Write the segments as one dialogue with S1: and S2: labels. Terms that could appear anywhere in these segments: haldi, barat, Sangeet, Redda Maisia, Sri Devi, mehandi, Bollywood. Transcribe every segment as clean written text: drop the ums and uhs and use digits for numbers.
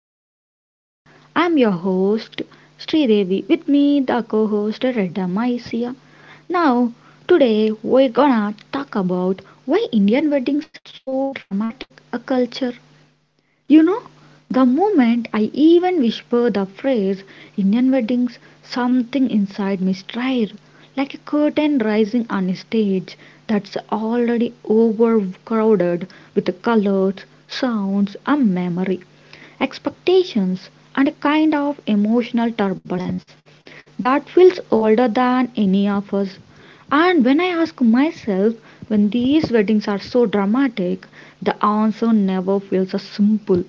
S1: the episode. I'm your host Sri Devi. With me, the co-host Redda Maisia. Now, today we're gonna talk about why Indian weddings are so dramatic a culture. You know, the moment I even whisper the phrase Indian weddings, something inside me stir, like a curtain rising on a stage that's already overcrowded with colors, sounds, and memory, expectations, and a kind of emotional turbulence that feels older than any of us. And when I ask myself, when these weddings are so dramatic, the answer never feels so simple.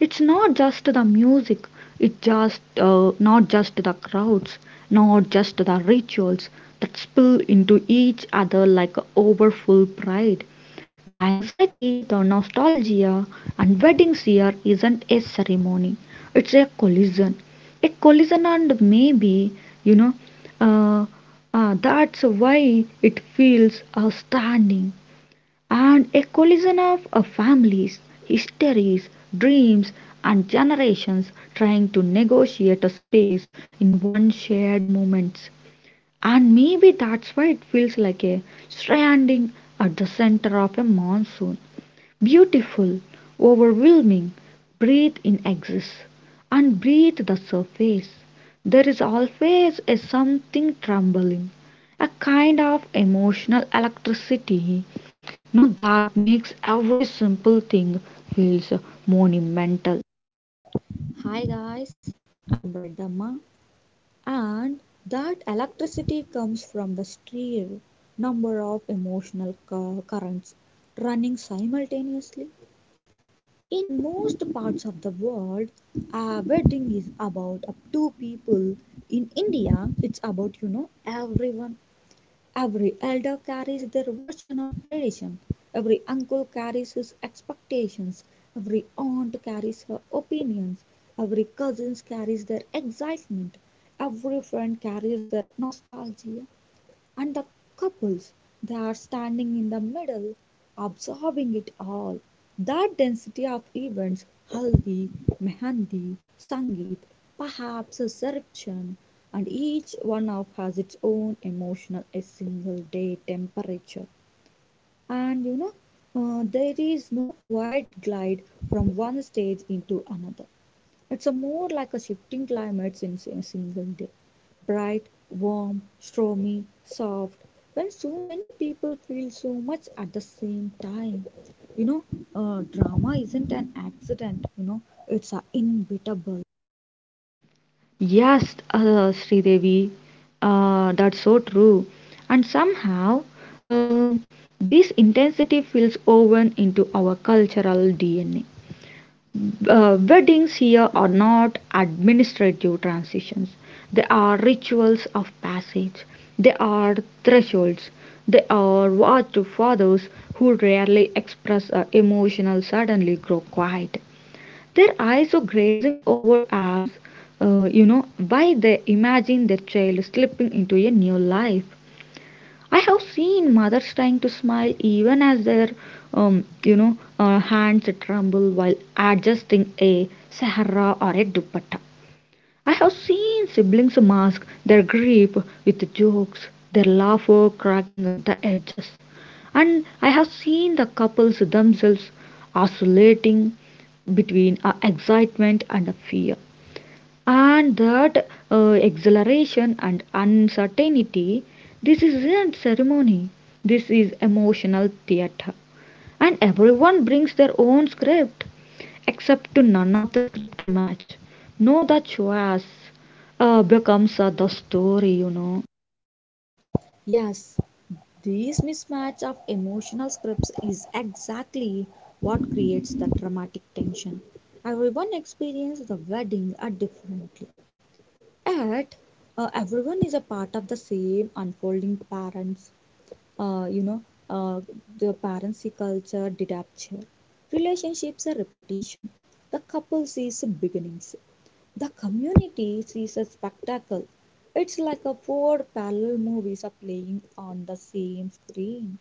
S1: It's not just the music, it's just not just the crowds, not just the rituals that spill into each other like a overfull pride. The anxiety, the nostalgia, and wedding year isn't a ceremony, it's a collision. A collision, and maybe, you know, uh, that's why it feels outstanding. And a collision of families, histories, dreams, and generations trying to negotiate a space in one shared moment. And maybe that's why it feels like a stranding at the center of a monsoon. Beautiful, overwhelming, breathe in excess, and breathe the surface. There is always a something trembling, a kind of emotional electricity no, that makes every simple thing feels monumental.
S2: Hi guys, I'm Red and that electricity comes from the sheer number of emotional currents running simultaneously. In most parts of the world, a wedding is about up to people. In India, it's about everyone. Every elder carries their version of tradition, every uncle carries his expectations, every aunt carries her opinions, every cousin carries their excitement, every friend carries their nostalgia, and the couples, they are standing in the middle, absorbing it all. That density of events, haldi, mehandi, sangeet, perhaps a reception, and each one of has its own emotional, a single day temperature. And you know, there is no quiet glide from one stage into another. It's a more like a shifting climate in a single day. Bright, warm, stormy, soft, when so many people feel so much at the same time. You know, Drama isn't an accident, it's a inevitable.
S1: Yes, Sridevi, that's so true. And somehow, uh, this intensity feels woven into our cultural DNA. Weddings here are not administrative transitions. They are rituals of passage. They are thresholds. They are what fathers who rarely express emotional suddenly grow quiet. Their eyes are grazing over us, you know, why they imagine their child slipping into a new life. I have seen mothers trying to smile even as their, you know, hands tremble while adjusting a sahara or a dupatta. I have seen siblings mask their grief with jokes, their laughter cracking at the edges. And I have seen the couples themselves oscillating between a excitement and fear and that exhilaration and uncertainty, this isn't ceremony, this is emotional theater, and everyone brings their own script except to none of the script to match no the choice becomes the story, you know.
S2: Yes, this mismatch of emotional scripts is exactly what creates the dramatic tension. Everyone experiences the wedding are differently. At everyone is a part of the same unfolding parents uh, you know uh, the parency culture departure relationships are repetition, the couple sees beginnings, the community sees a spectacle. It's like a four parallel movies are playing on the same screen.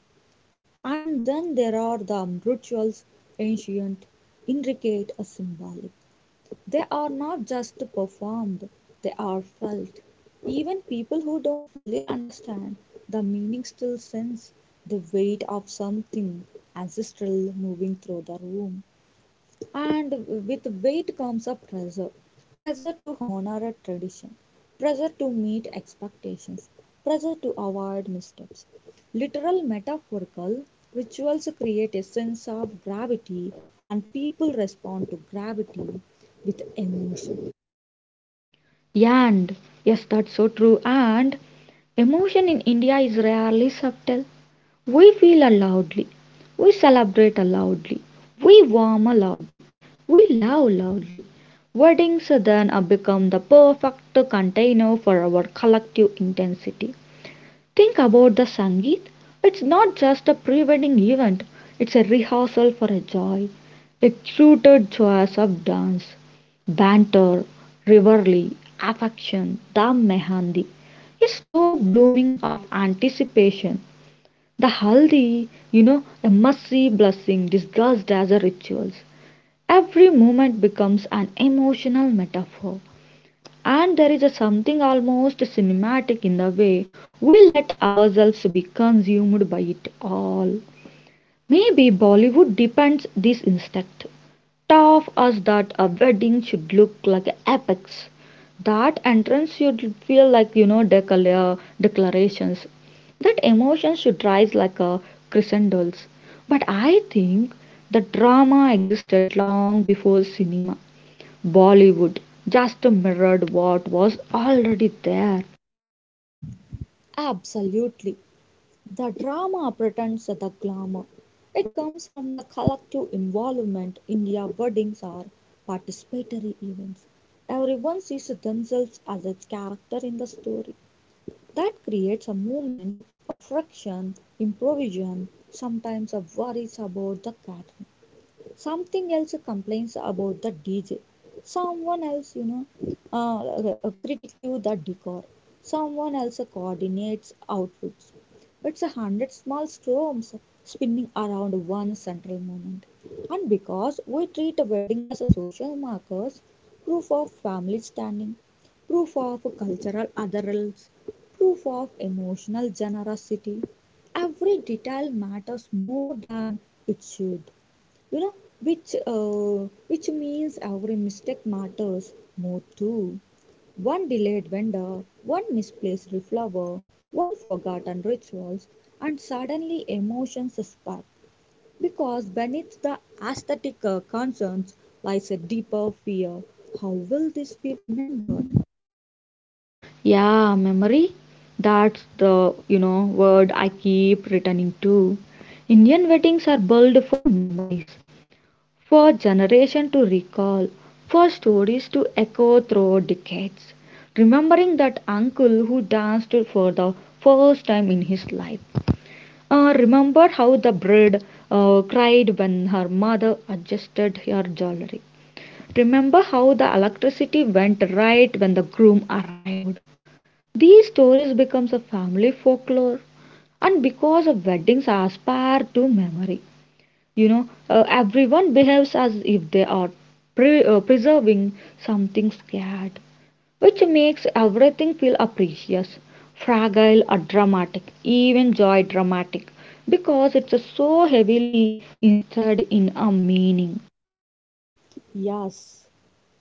S2: And then there are the rituals, ancient, intricate, symbolic. They are not just performed, they are felt. Even people who don't fully understand the meaning still sense the weight of something ancestral moving through the room. And with weight comes a pressure, pressure to honor a tradition, pressure to meet expectations, pressure to avoid missteps. Literal metaphorical rituals create a sense of gravity, and people respond to gravity with emotion.
S1: Yeah, and yes, that's so true. And emotion in India is rarely subtle. We feel loudly, we celebrate loudly, we warm loudly, we love loudly. Weddings then become the perfect container for our collective intensity. Think about the Sangeet. It's not just a pre wedding event, it's a rehearsal for a joy, a curated choice of dance, banter, revelry, affection, the mehandi, a slow blooming of anticipation, the haldi, you know, a messy blessing disguised as a rituals. Every moment becomes an emotional metaphor. And there is a something almost cinematic in the way we let ourselves be consumed by it all. Maybe Bollywood depends this instinct taught us that a wedding should look like an apex. That entrance should feel like, you know, declarations. That emotions should rise like a crescendos. But I think the drama existed long before cinema. Bollywood just mirrored what was already there.
S2: Absolutely. The drama pretends the glamour. It comes from the collective involvement. India weddings are participatory events. Everyone sees themselves as a character in the story. That creates a moment of friction, improvisation, sometimes of worries about the cat, something else complains about the DJ, someone else, uh, uh, the decor, someone else coordinates outfits. It's a hundred small storms spinning around one central moment. And because we treat a wedding as a social markers, proof of family standing, proof of cultural adherence, proof of emotional generosity, every detail matters more than it should, you know which uh, which means every mistake matters more too. One delayed vendor, one misplaced flower, one forgotten rituals, and suddenly emotions spark, because beneath the aesthetic concerns lies a deeper fear: how will this be remembered?
S1: Yeah, memory. That's the, you know, word I keep returning to. Indian weddings are built for memories, for generation to recall, for stories to echo through decades. Remembering that uncle who danced for the first time in his life. Remember how the bride cried when her mother adjusted her jewelry. Remember how the electricity went right when the groom arrived. These stories become a family folklore and because of weddings are spared to memory. You know, everyone behaves as if they are preserving something scared, which makes everything feel precious, fragile or dramatic, even joy dramatic, because it's so heavily instead in a meaning.
S2: Yes,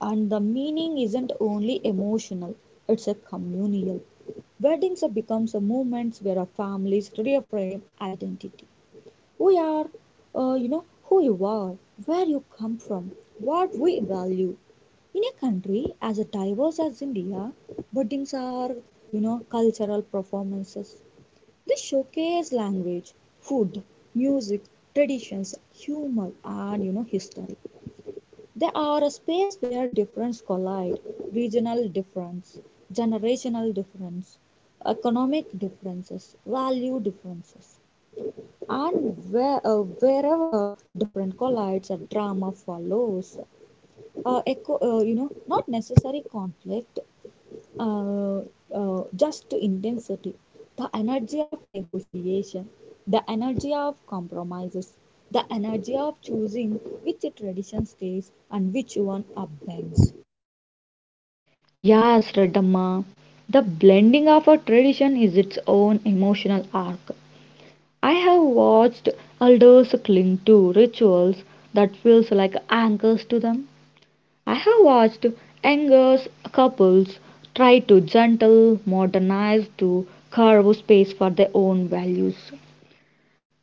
S2: and the meaning isn't only emotional, it's a communal. Weddings are becomes a moments where our families reframe identity. We are, who you are, where you come from, what we value. In a country as diverse as India, weddings are, cultural performances. They showcase language, food, music, traditions, humor, and history. They are a space where difference collide: regional difference, generational difference, economic differences, value differences, and where, wherever different collides, a drama follows. Echo, not necessary conflict, uh, just to intensity, the energy of negotiation, the energy of compromises, the energy of choosing which tradition stays and which one upends.
S1: Yes, Radhamma, the blending of a tradition is its own emotional arc. I have watched elders cling to rituals that feels like anchors to them. I have watched younger couples try to gentle modernize to carve space for their own values.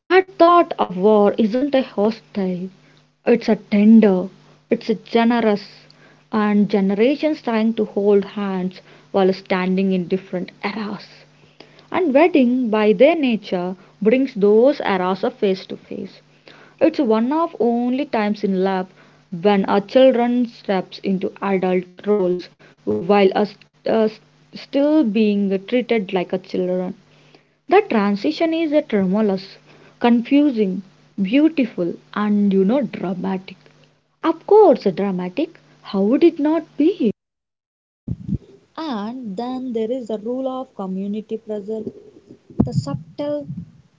S1: That thought of war isn't a hostile, it's a tender, it's a generous, and generations trying to hold hands while standing in different eras. And wedding, by their nature, brings those eras of face to face. It's one of only times in life when a children steps into adult roles while us still being treated like a children. The transition is a tremulous, confusing, beautiful, and you know, dramatic. Of course, dramatic. How would it not be?
S2: And then there is the rule of community pressure, the subtle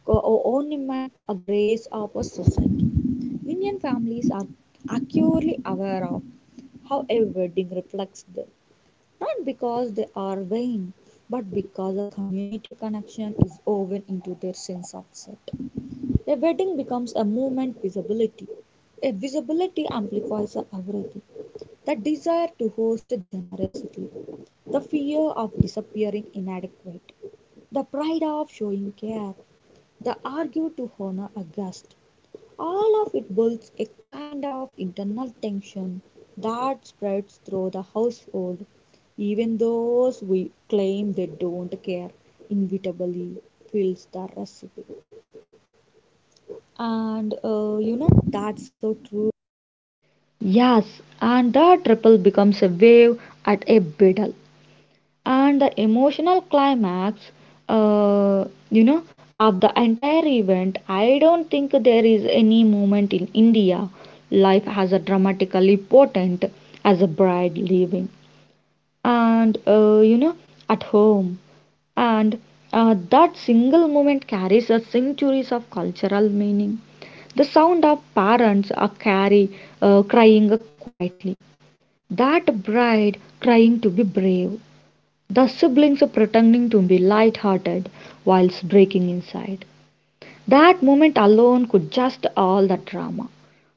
S2: ornament or grace of a society. Indian families are acutely aware of how a wedding reflects them, not because they are vain, but because a community connection is woven into their sense of self. A wedding becomes a movement visibility. A visibility amplifies a authority, the desire to host generously, the fear of disappearing inadequate, the pride of showing care, the argue to honor a guest, all of it builds a kind of internal tension that spreads through the household, even those we claim they don't care inevitably fills the recipe. And that's so true.
S1: Yes, and the triple becomes a wave at a biddle. And the emotional climax, uh, you know, of the entire event, I don't think there is any moment in India life has a dramatically potent as a bride leaving. And you know, at home, and that single moment carries a centuries of cultural meaning, the sound of parents are carry crying quietly, that bride crying to be brave, the siblings pretending to be light-hearted whilst breaking inside, that moment alone could just all the drama.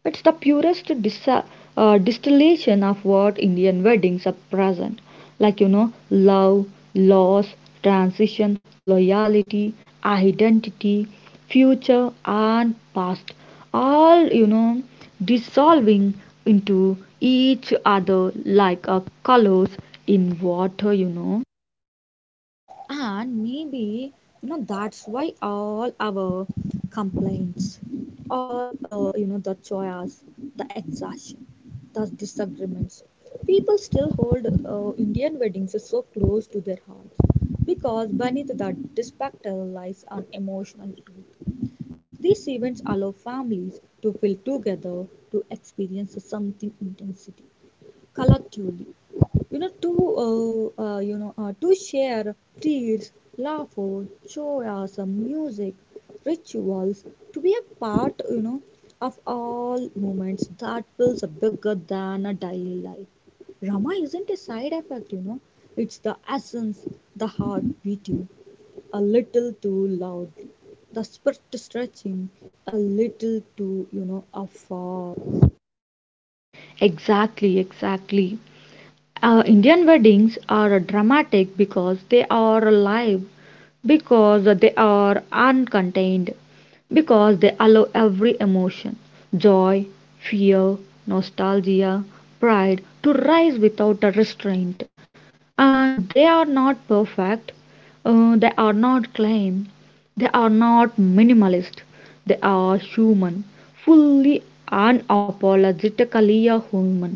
S1: It's the purest distillation of what Indian weddings are present, like, you know, love, loss, transition, loyalty, identity, future and past, all, you know, dissolving into each other like a colors in water, you know.
S2: And maybe, that's why all our complaints, all, the choice, the exhaustion, the disagreements, people still hold Indian weddings so close to their hearts because beneath that spectacle lies an emotional truth. These events allow families to feel together, to experience something intensity collectively, you know to to share feels, laughter, joyous music, rituals, to be a part, of all moments that feels bigger than a daily life. Rama isn't a side effect, It's the essence, the heart beating a little too loudly, the spirit stretching a little too, afar.
S1: Exactly, exactly. Indian weddings are dramatic because they are live, because they are uncontained, because they allow every emotion joy, fear, nostalgia, pride to rise without a restraint. And they are not perfect, they are not clean, they are not minimalist, they are human, fully unapologetically a human.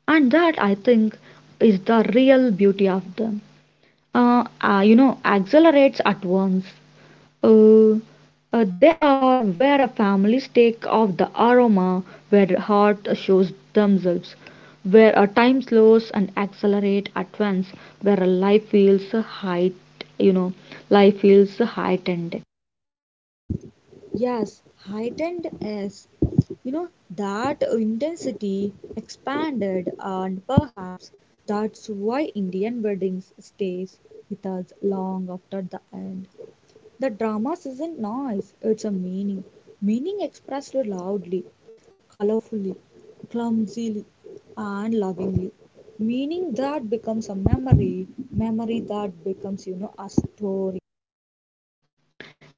S1: And that I think is the real beauty of them. You know, accelerates at once. Uh, they are where families take off the aroma, where the heart shows themselves, where a time slows and accelerates at once, where a life feels height, you know, life feels heightened.
S2: Yes, heightened is, you know, that intensity expanded, and perhaps that's why Indian weddings stays with us long after the end. The drama isn't noise; it's a meaning, meaning expressed loudly, colorfully, clumsily, and lovingly. Meaning that becomes a memory, memory that becomes, a story.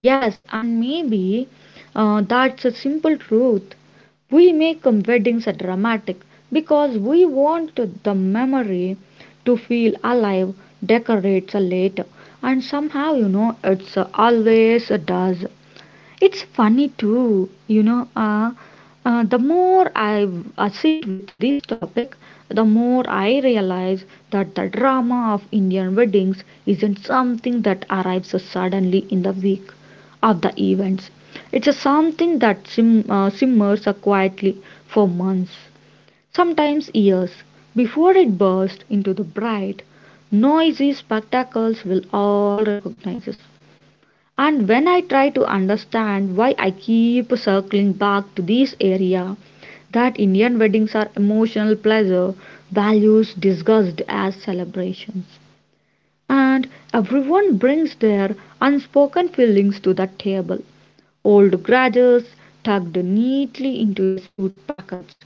S1: Yes, and maybe that's a simple truth. We make weddings a dramatic because we want the memory to feel alive, decorates a later, and somehow, you know, it's always does. It's funny too, you know, the more I sit with this topic, the more I realize that the drama of Indian weddings isn't something that arrives suddenly in the week of the events. It's a something that simmers quietly for months, sometimes years, before it bursts into the bright, noisy spectacles will all recognize. And when I try to understand why I keep circling back to this area, that Indian weddings are emotional pleasure, values discussed as celebrations. And everyone brings their unspoken feelings to the table. Old grudges tucked neatly into a suit pockets,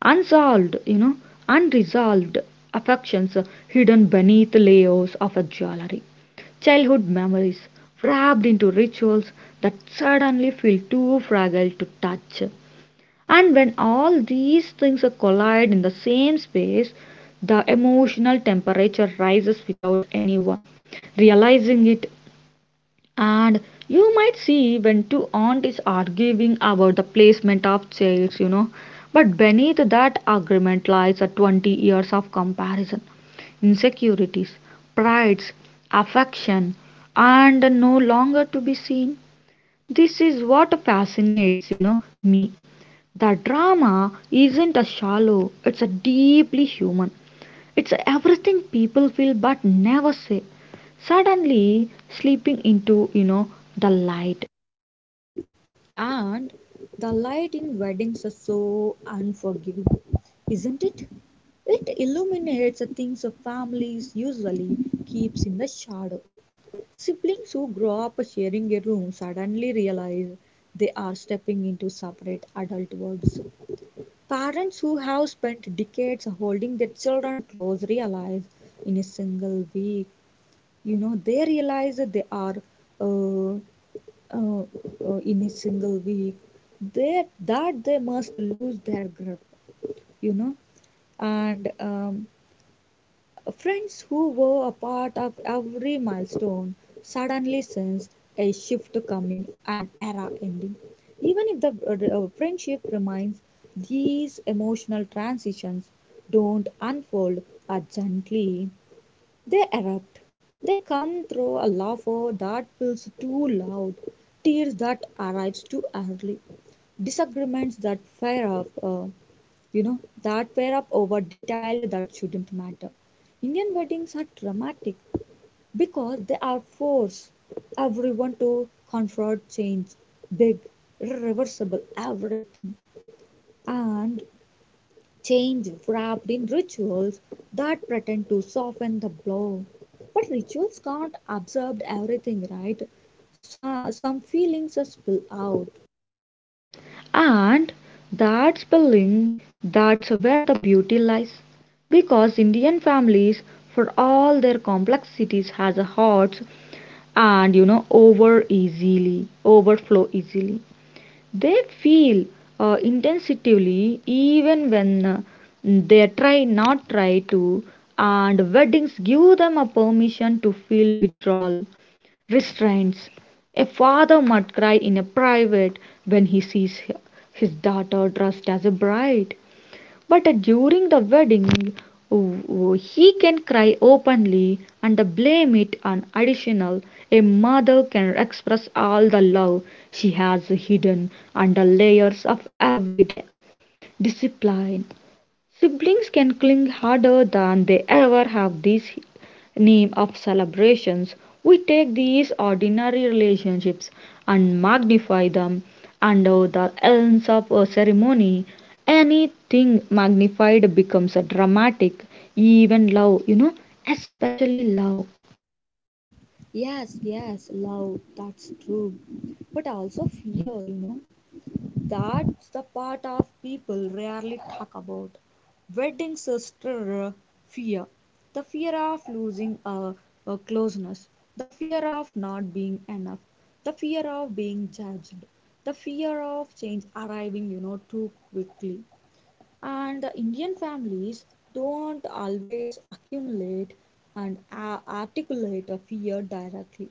S1: unsolved you know unresolved affections hidden beneath layers of a jewelry, childhood memories wrapped into rituals that suddenly feel too fragile to touch, and when all these things collide in the same space the emotional temperature rises without anyone realizing it, and you might see when two aunties arguing about the placement of chairs, you know. But beneath that argument lies a 20 years of comparison, insecurities, prides, affection, and no longer to be seen. This is what fascinates, you know, me. The drama isn't a shallow, it's a deeply human. It's everything people feel but never say. Suddenly slipping into, you know, the light.
S2: And the light in weddings are so unforgiving, isn't it? It illuminates the things of families usually keeps in the shadow. Siblings who grow up sharing a room suddenly realize they are stepping into separate adult worlds. Parents who have spent decades holding their children close realize in a single week, you know, they realize that they are uh, uh, in a single week that they must lose their grip, you know and friends who were a part of every milestone suddenly sense a shift coming, an era ending, even if the friendship remains. These emotional transitions don't unfold as gently, they erupt. They come through a laughter that feels too loud, tears that arrives too early, disagreements that fire up, that fire up over detail that shouldn't matter. Indian weddings are dramatic because they are force everyone to confront change, big, irreversible, everything. And change wrapped in rituals that pretend to soften the blow. But rituals can't absorb everything, right? So, some feelings are spill out.
S1: And that's building, that's where the beauty lies. Because Indian families, for all their complexities, has a hearts and you know over easily overflow easily. They feel intensively even when they try not try to, and weddings give them a permission to feel withdrawal restraints. A father might cry in a private when he sees his daughter dressed as a bride, but during the wedding, he can cry openly and blame it on additional. A mother can express all the love she has hidden under layers of everyday discipline. Siblings can cling harder than they ever have this name of celebrations. We take these ordinary relationships and magnify them under the lens of a ceremony. Anything magnified becomes a dramatic, even love, you know, especially love.
S2: Yes, yes, love, that's true. But also fear, That's the part of people rarely talk about. Wedding sister fear. The fear of losing a, closeness. The fear of not being enough. The fear of being judged. The fear of change arriving, too quickly. And the Indian families don't always accumulate and articulate a fear directly.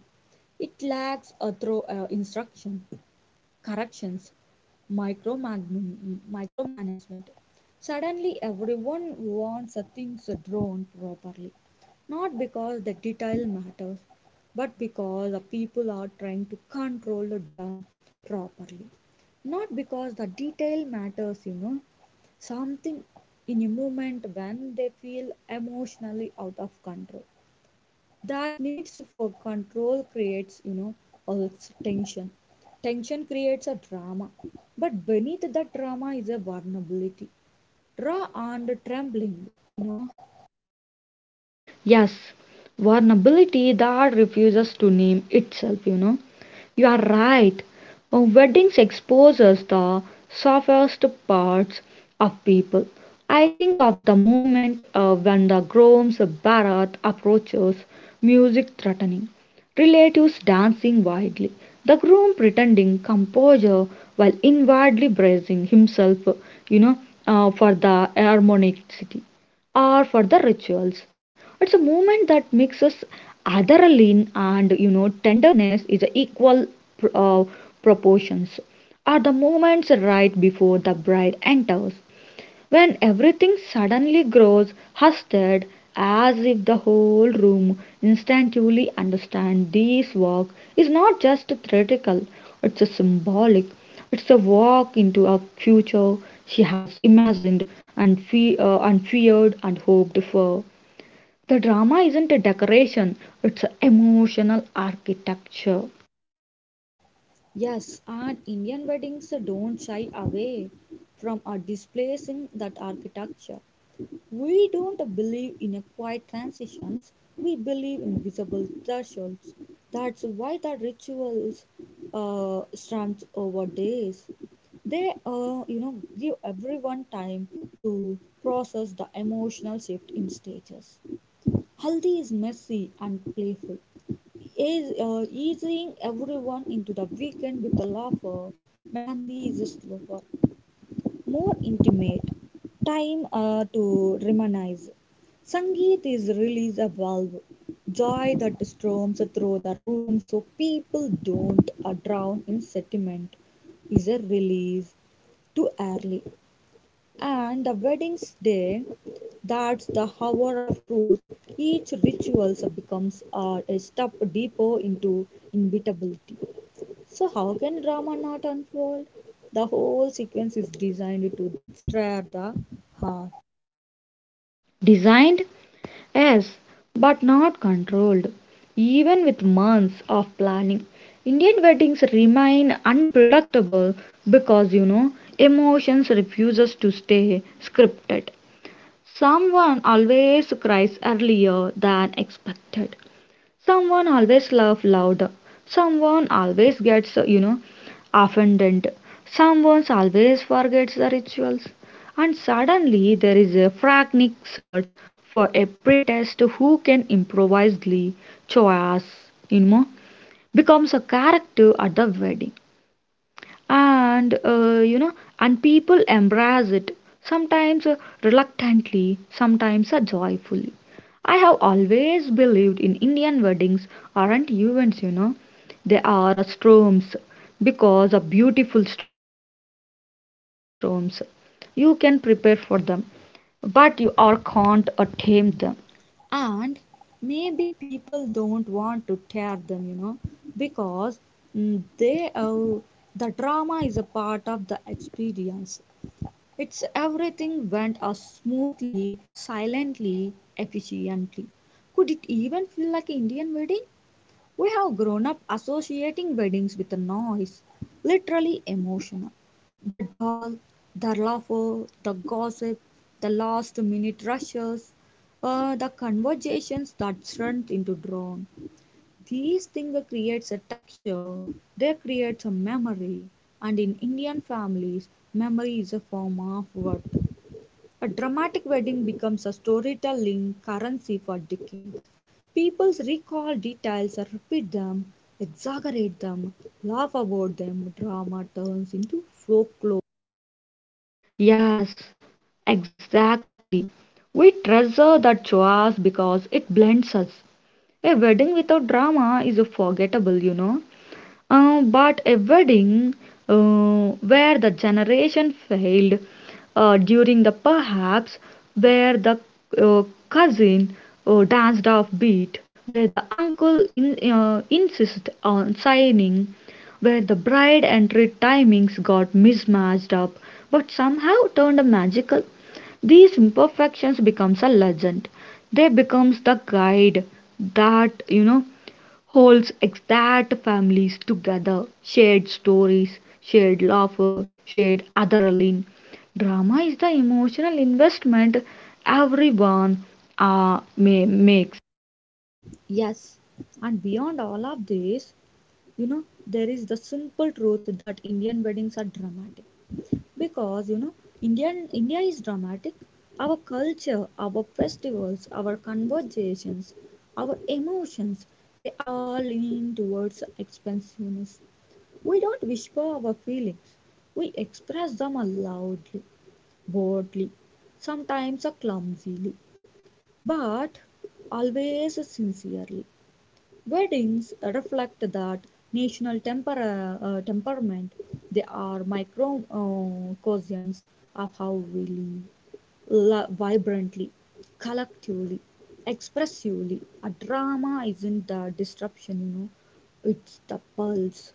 S2: It lacks a through instruction, corrections, micromanagement. Suddenly, everyone wants things drawn properly, not because the detail matters, but because the people are trying to control the done properly. Not because the detail matters, something in a moment when they feel emotionally out of control, that needs for control creates, also tension, tension creates a drama, but beneath that drama is a vulnerability, raw and trembling, you know
S1: Yes, vulnerability that refuses to name itself, you know. You are right. Weddings exposes the softest parts of people. I think of the moment when the groom's barat approaches, music threatening, relatives dancing wildly, the groom pretending composure while inwardly bracing himself, you know, for the harmonic city or for the rituals. It's a movement that mixes adrenaline and you know tenderness is a equal pr- uh, proportions. Are the moments right before the bride enters, when everything suddenly grows hushed as if the whole room instinctively understands this walk is not just theoretical, it's a symbolic. It's a walk into a future she has imagined and, and feared and hoped for. The drama isn't a decoration, it's an emotional architecture.
S2: yes, and Indian weddings don't shy away from a displacing that architecture. We don't believe in a quiet transitions, we believe in visible thresholds. That's why the rituals stretch over days. They, give everyone time to process the emotional shift in stages. Haldi is messy and playful, is easing everyone into the weekend with a laugher. Mehandi is slower, more intimate time to reminisce. Sangeet is release a valve, joy that storms through the room so people don't drown in sentiment is a release too early. And the wedding's day, that's the hour of truth. Each ritual becomes a step deeper into inevitability. So how can drama not unfold? The whole sequence is designed to stir the heart.
S1: Designed? Yes, but not controlled. Even with months of planning, Indian weddings remain unpredictable because you know emotions refuses to stay scripted. Someone always cries earlier than expected. Someone always laughs loud. Someone always gets, you know, offended. Someone always forgets the rituals. And suddenly there is a frantic search for a priest who can improvise glee, choice, becomes a character at the wedding and and people embrace it sometimes reluctantly, sometimes joyfully. I have always believed in Indian weddings aren't events, they are storms. Because of beautiful storms, you can prepare for them, but you are can't tame them.
S2: And maybe people don't want to tear them, because mm, they uh, the drama is a part of the experience. It's everything went as smoothly, silently, efficiently. Could it even feel like an Indian wedding? We have grown up associating weddings with a noise, literally emotional. The doll, the laughter, the gossip, the last minute rushes, the conversations that turn into drone. These things creates a texture, they create a memory, and in Indian families, memory is a form of worth. A dramatic wedding becomes a storytelling currency for decades. People recall details, repeat them, exaggerate them, laugh about them. Drama turns into folklore.
S1: Yes, exactly, we treasure the joys because it blends us. A wedding without drama is a forgettable, But a wedding where the generation failed during the perhaps, where the uh, cousin danced off beat, where the uncle in, insisted on signing, where the bride entry timings got mismatched up, but somehow turned magical. These imperfections becomes a legend. They becomes the guide that holds exact families together. Shared stories, shared laughter, shared adrenaline. Drama is the emotional investment everyone may make.
S2: Yes, and beyond all of this, there is the simple truth that Indian weddings are dramatic, because Indian india is dramatic. Our culture, our festivals, our conversations, our emotions, they all lean towards expansiveness. We don't whisper our feelings, we express them loudly, boldly, sometimes clumsily, but always sincerely. Weddings reflect that national temperament. They are microcosms of how we live, vibrantly, collectively, expressively. A drama isn't the disruption, it's the pulse.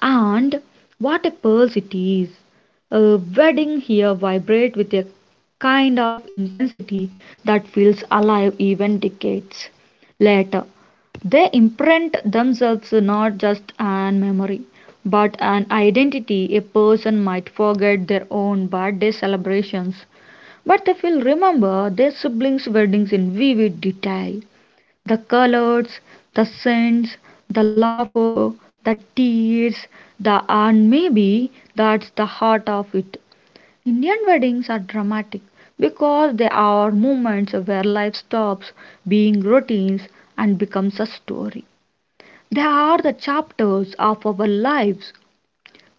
S1: And what a pulse it is! A wedding here vibrate with a kind of intensity that feels alive even decades later. They imprint themselves not just an memory, but an identity. A person might forget their own birthday celebrations, but they will remember their siblings' weddings in vivid detail. The colors, the scents, the laughter, the tears, the and maybe that's the heart of it. Indian weddings are dramatic because they are moments where life stops being routines and becomes a story. They are the chapters of our lives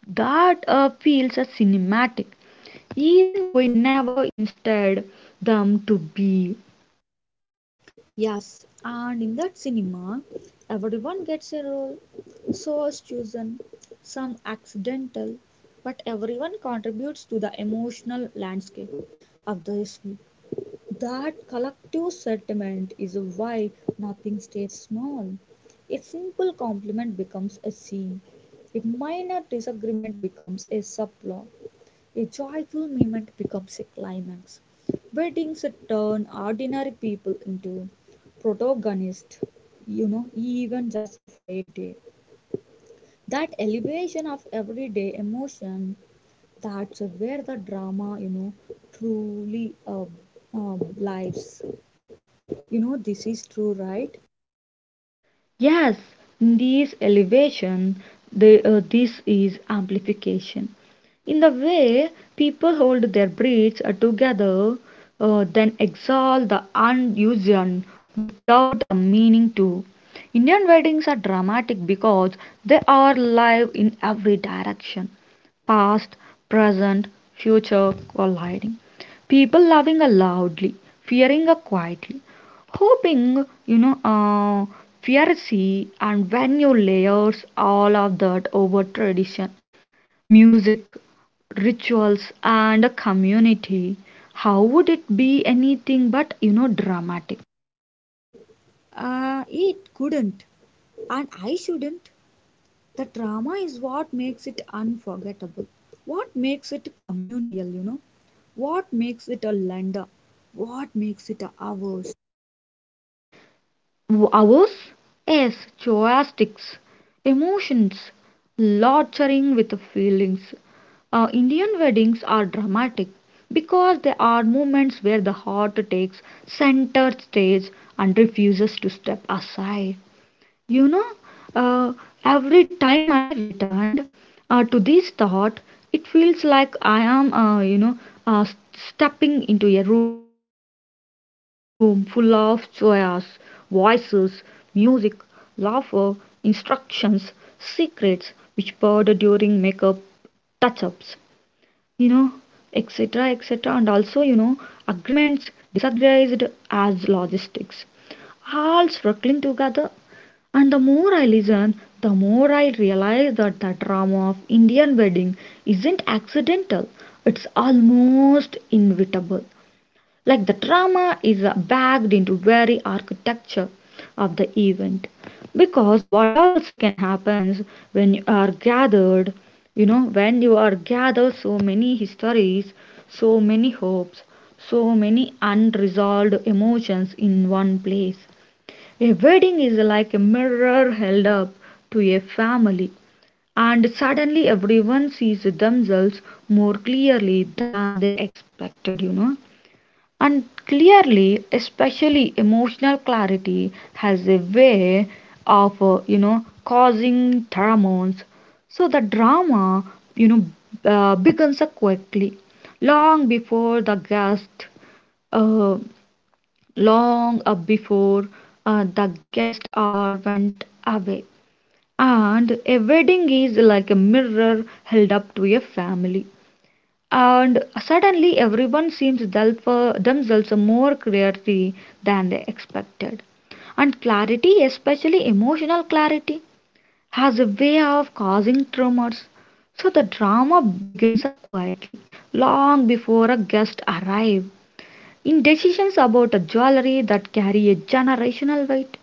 S1: that feels a cinematic even we never instead them to be.
S2: Yes, and in that cinema, everyone gets a role. So is chosen, some accidental, but everyone contributes to the emotional landscape of this film. That collective sentiment is why nothing stays small. A simple compliment becomes a scene, a minor disagreement becomes a subplot, a joyful moment becomes a climax. Weddings turn ordinary people into protagonists, even just for a day. That elevation of everyday emotion, that's where the drama, you know, truly lives. You know, this is true, right?
S1: Yes, this elevation, this is amplification. In the way people hold their breaths together, then exhale the unusual without a meaning to. Indian weddings are dramatic because they are live in every direction: past, present, future colliding. People loving a loudly, fearing a quietly, hoping, fiercely, and when you layers all of that over tradition, music, rituals, and a community. How would it be anything but, dramatic?
S2: It couldn't, and I shouldn't. The drama is what makes it unforgettable, what makes it communal, you know, what makes it a lender, what makes it ours.
S1: Ours? Yes, choastics, emotions, lodging with feelings. Indian weddings are dramatic because they are moments where the heart takes center stage and refuses to step aside. You know, uh, every time I returned to this thought, it feels like I am, stepping into a room full of joyous voices, music, laughter, instructions, secrets whispered during makeup touch ups, you know, etc., etc., and also, agreements disagreed as logistics all struggling together. And the more I listen, the more I realize that the drama of Indian wedding isn't accidental. It's almost inevitable. Like the drama is backed into very architecture of the event. Because what else can happen when you are gathered so many histories, so many hopes, so many unresolved emotions in one place. A wedding is like a mirror held up to a family, and suddenly everyone sees themselves more clearly than they expected, And clearly, especially emotional clarity has a way of, causing pheromones. So the drama, you know, begins quickly, long before the guest. Uh, long up before the guest or went away. And a wedding is like a mirror held up to a family. And suddenly everyone seems themselves more clearly than they expected. And clarity, especially emotional clarity, has a way of causing tremors. So the drama begins quietly, long before a guest arrives, in decisions about a jewelry that carry a generational weight,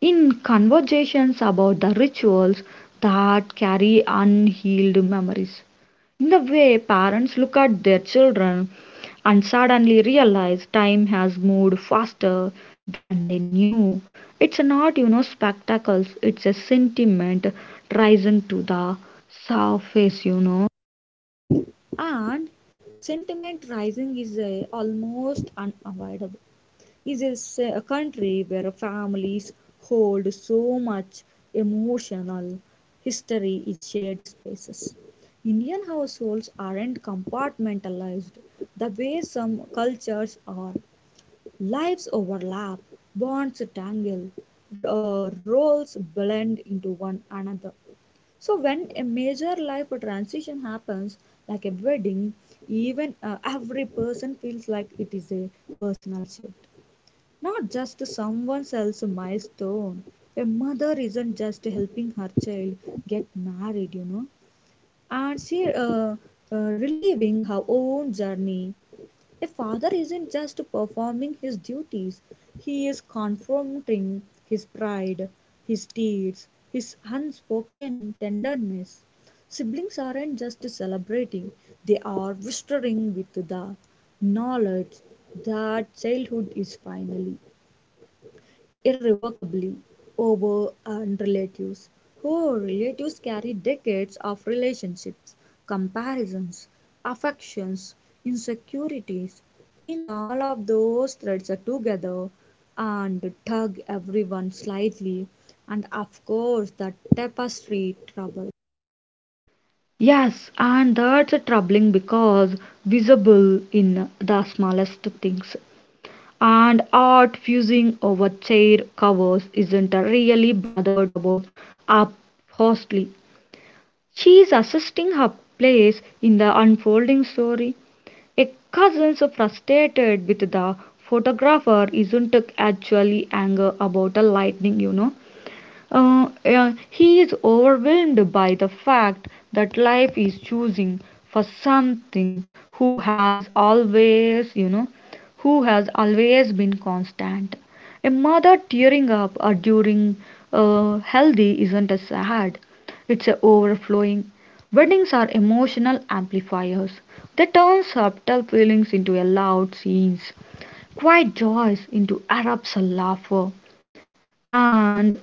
S1: in conversations about the rituals that carry unhealed memories, in the way parents look at their children and suddenly realize time has moved faster than they knew. It's not, spectacles, it's a sentiment rising to the surface,
S2: And sentiment rising is almost unavoidable. Is a say, a country where families hold so much emotional history in shared spaces. Indian households aren't compartmentalized the way some cultures are. Lives overlap, bonds tangle, roles blend into one another. So, when a major life transition happens, like a wedding, even every person feels like it is a personal shift. Not just someone else's milestone. A mother isn't just helping her child get married, you know, and she reliving her own journey. A father isn't just performing his duties, he is confronting his pride, his tears, his unspoken tenderness. Siblings aren't just celebrating, they are whispering with the knowledge that childhood is finally irrevocably over on relatives. Who relatives carry decades of relationships, comparisons, affections, insecurities, being all of those threads are together and tug everyone slightly, and of course, the tapestry trouble.
S1: Yes, and that's troubling because visible in the smallest things. And art fusing over chair covers isn't really bothered about upholstery. She's assisting her place in the unfolding story. A cousin's frustrated with the photographer isn't actually anger about the lightning, He is overwhelmed by the fact that life is choosing for something who has always, you know, who has always been constant. A mother tearing up during healthy isn't a sad, it's a overflowing. Weddings are emotional amplifiers. They turn subtle feelings into a loud scenes, quiet joys into erupts of laughter, and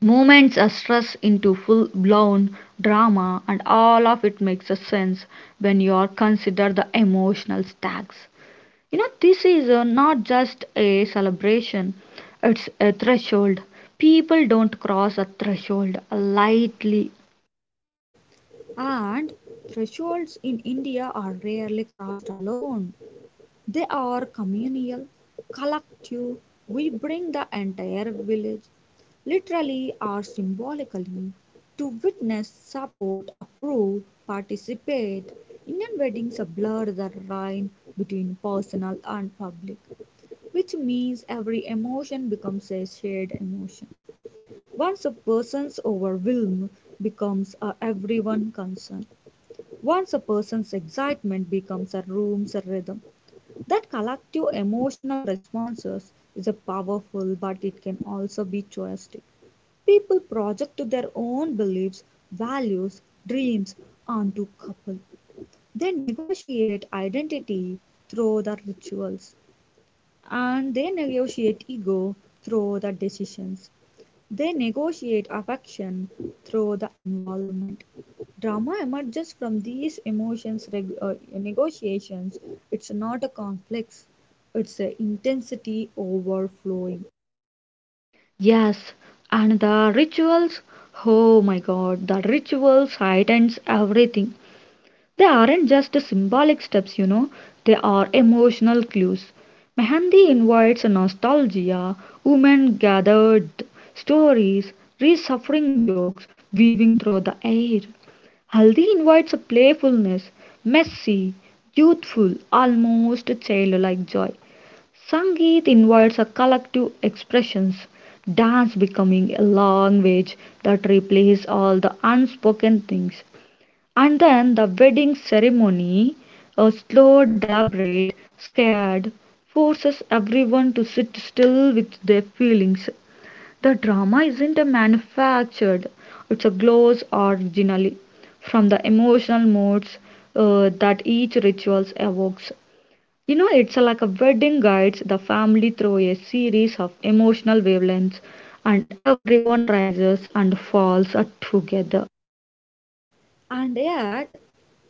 S1: moments are stressed into full blown drama. And all of it makes a sense when you are consider the emotional stacks. This is not just a celebration, it's a threshold. People don't cross a threshold lightly.
S2: And thresholds in India are rarely crossed alone. They are communal, collective. We bring the entire village, literally or symbolically, to witness, support, approve, participate. Indian weddings blur the line between personal and public, which means every emotion becomes a shared emotion. Once a person's overwhelm becomes a everyone concern. Once a person's excitement becomes a room's rhythm. That collective emotional responses is a powerful, but it can also be choistic. People project their own beliefs, values, dreams onto couple. They negotiate identity through the rituals, and they negotiate ego through the decisions. They negotiate affection through the involvement. Drama emerges from these emotions negotiations. It's not a conflict, it's a intensity overflowing.
S1: Yes, and the rituals, oh my god, the rituals heightens everything. They aren't just symbolic steps, they are emotional clues. Mehendi invites nostalgia, women gathered, stories, resuffering jokes weaving through the air. Haldi invites a playfulness, messy, youthful, almost childlike joy. Sangeet invites a collective expressions, dance becoming a language that replaces all the unspoken things. And then the wedding ceremony, a slow, deliberate, scared, forces everyone to sit still with their feelings. The drama isn't a manufactured, it's a glows originally from the emotional moods that each ritual evokes. It's like a wedding guides the family through a series of emotional wavelengths, and everyone rises and falls together.
S2: And yet,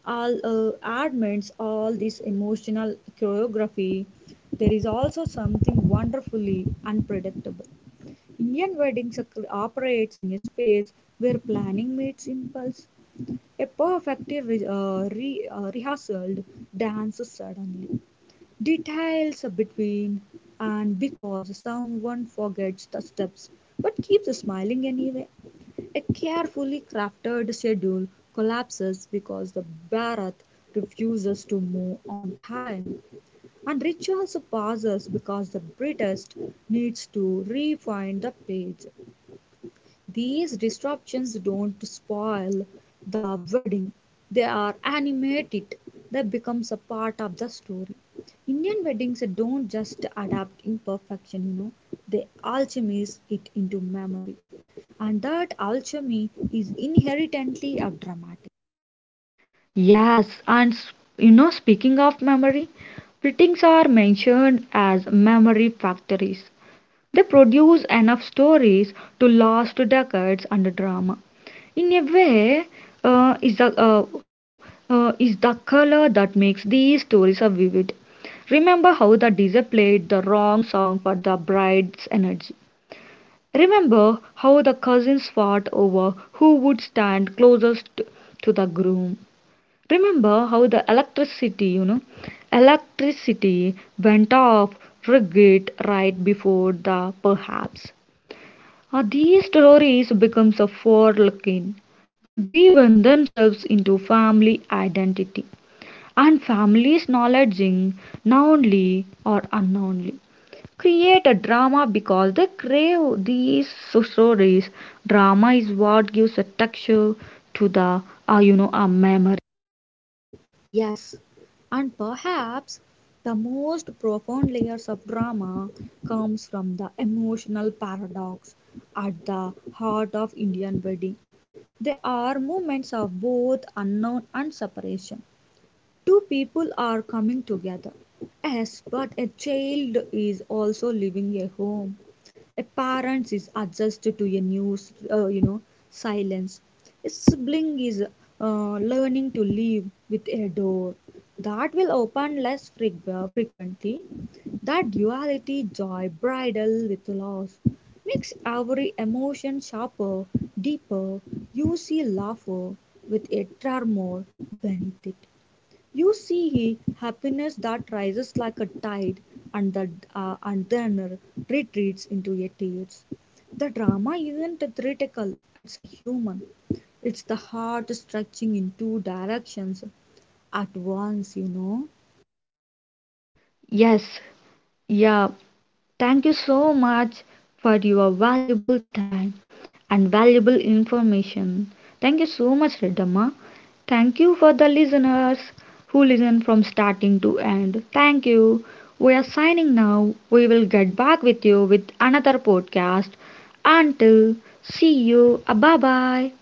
S2: all admits all this emotional choreography, there is also something wonderfully unpredictable. Indian weddings operates in a space where planning meets impulse. A perfectly rehearsed dance suddenly. Details between and because someone forgets the steps but keeps smiling anyway. A carefully crafted schedule collapses because the Bharat refuses to move on time. And rituals pauses because the British needs to refine the page. These disruptions don't spoil the wedding, they are animated. They becomes a part of the story. Indian weddings don't just adapt imperfection, you know, they alchemize it into memory. And that alchemy is inherently a dramatic.
S1: Yes, and speaking of memory, printings are mentioned as memory factories. They produce enough stories to last decades under drama. In a way, uh, is the uh, is the color that makes these stories so vivid. Remember how the DJ played the wrong song for the bride's energy. Remember how the cousins fought over who would stand closest to the groom. Remember how the electricity went off rigid right before the perhaps. These stories becomes a forelooking. They weave themselves into family identity and families knowledging knowingly or unknowingly. Create a drama because they crave these so stories. Drama is what gives a texture to a memory.
S2: Yes, and perhaps the most profound layers of drama comes from the emotional paradox at the heart of Indian wedding. They are moments of both unknown and separation. Two people are coming together. Yes, but a child is also leaving a home. Appearance is adjusted to a new, you know, silence. A sibling is learning to live with a door that will open less frequently. That duality, joy, bridal with loss, makes every emotion sharper, deeper. You see laughter with a tremor beneath it. You see he happiness that rises like a tide and, the, and then retreats into a tears. The drama isn't a theatrical, it's a human. It's the heart stretching in two directions at once, you know.
S1: Yes, yeah, thank you so much for your valuable time and valuable information. Thank you so much, Redamma. Thank you for the listeners who listen from starting to end. Thank you. We are signing now. We will get back with you with another podcast. Until see you. Bye bye.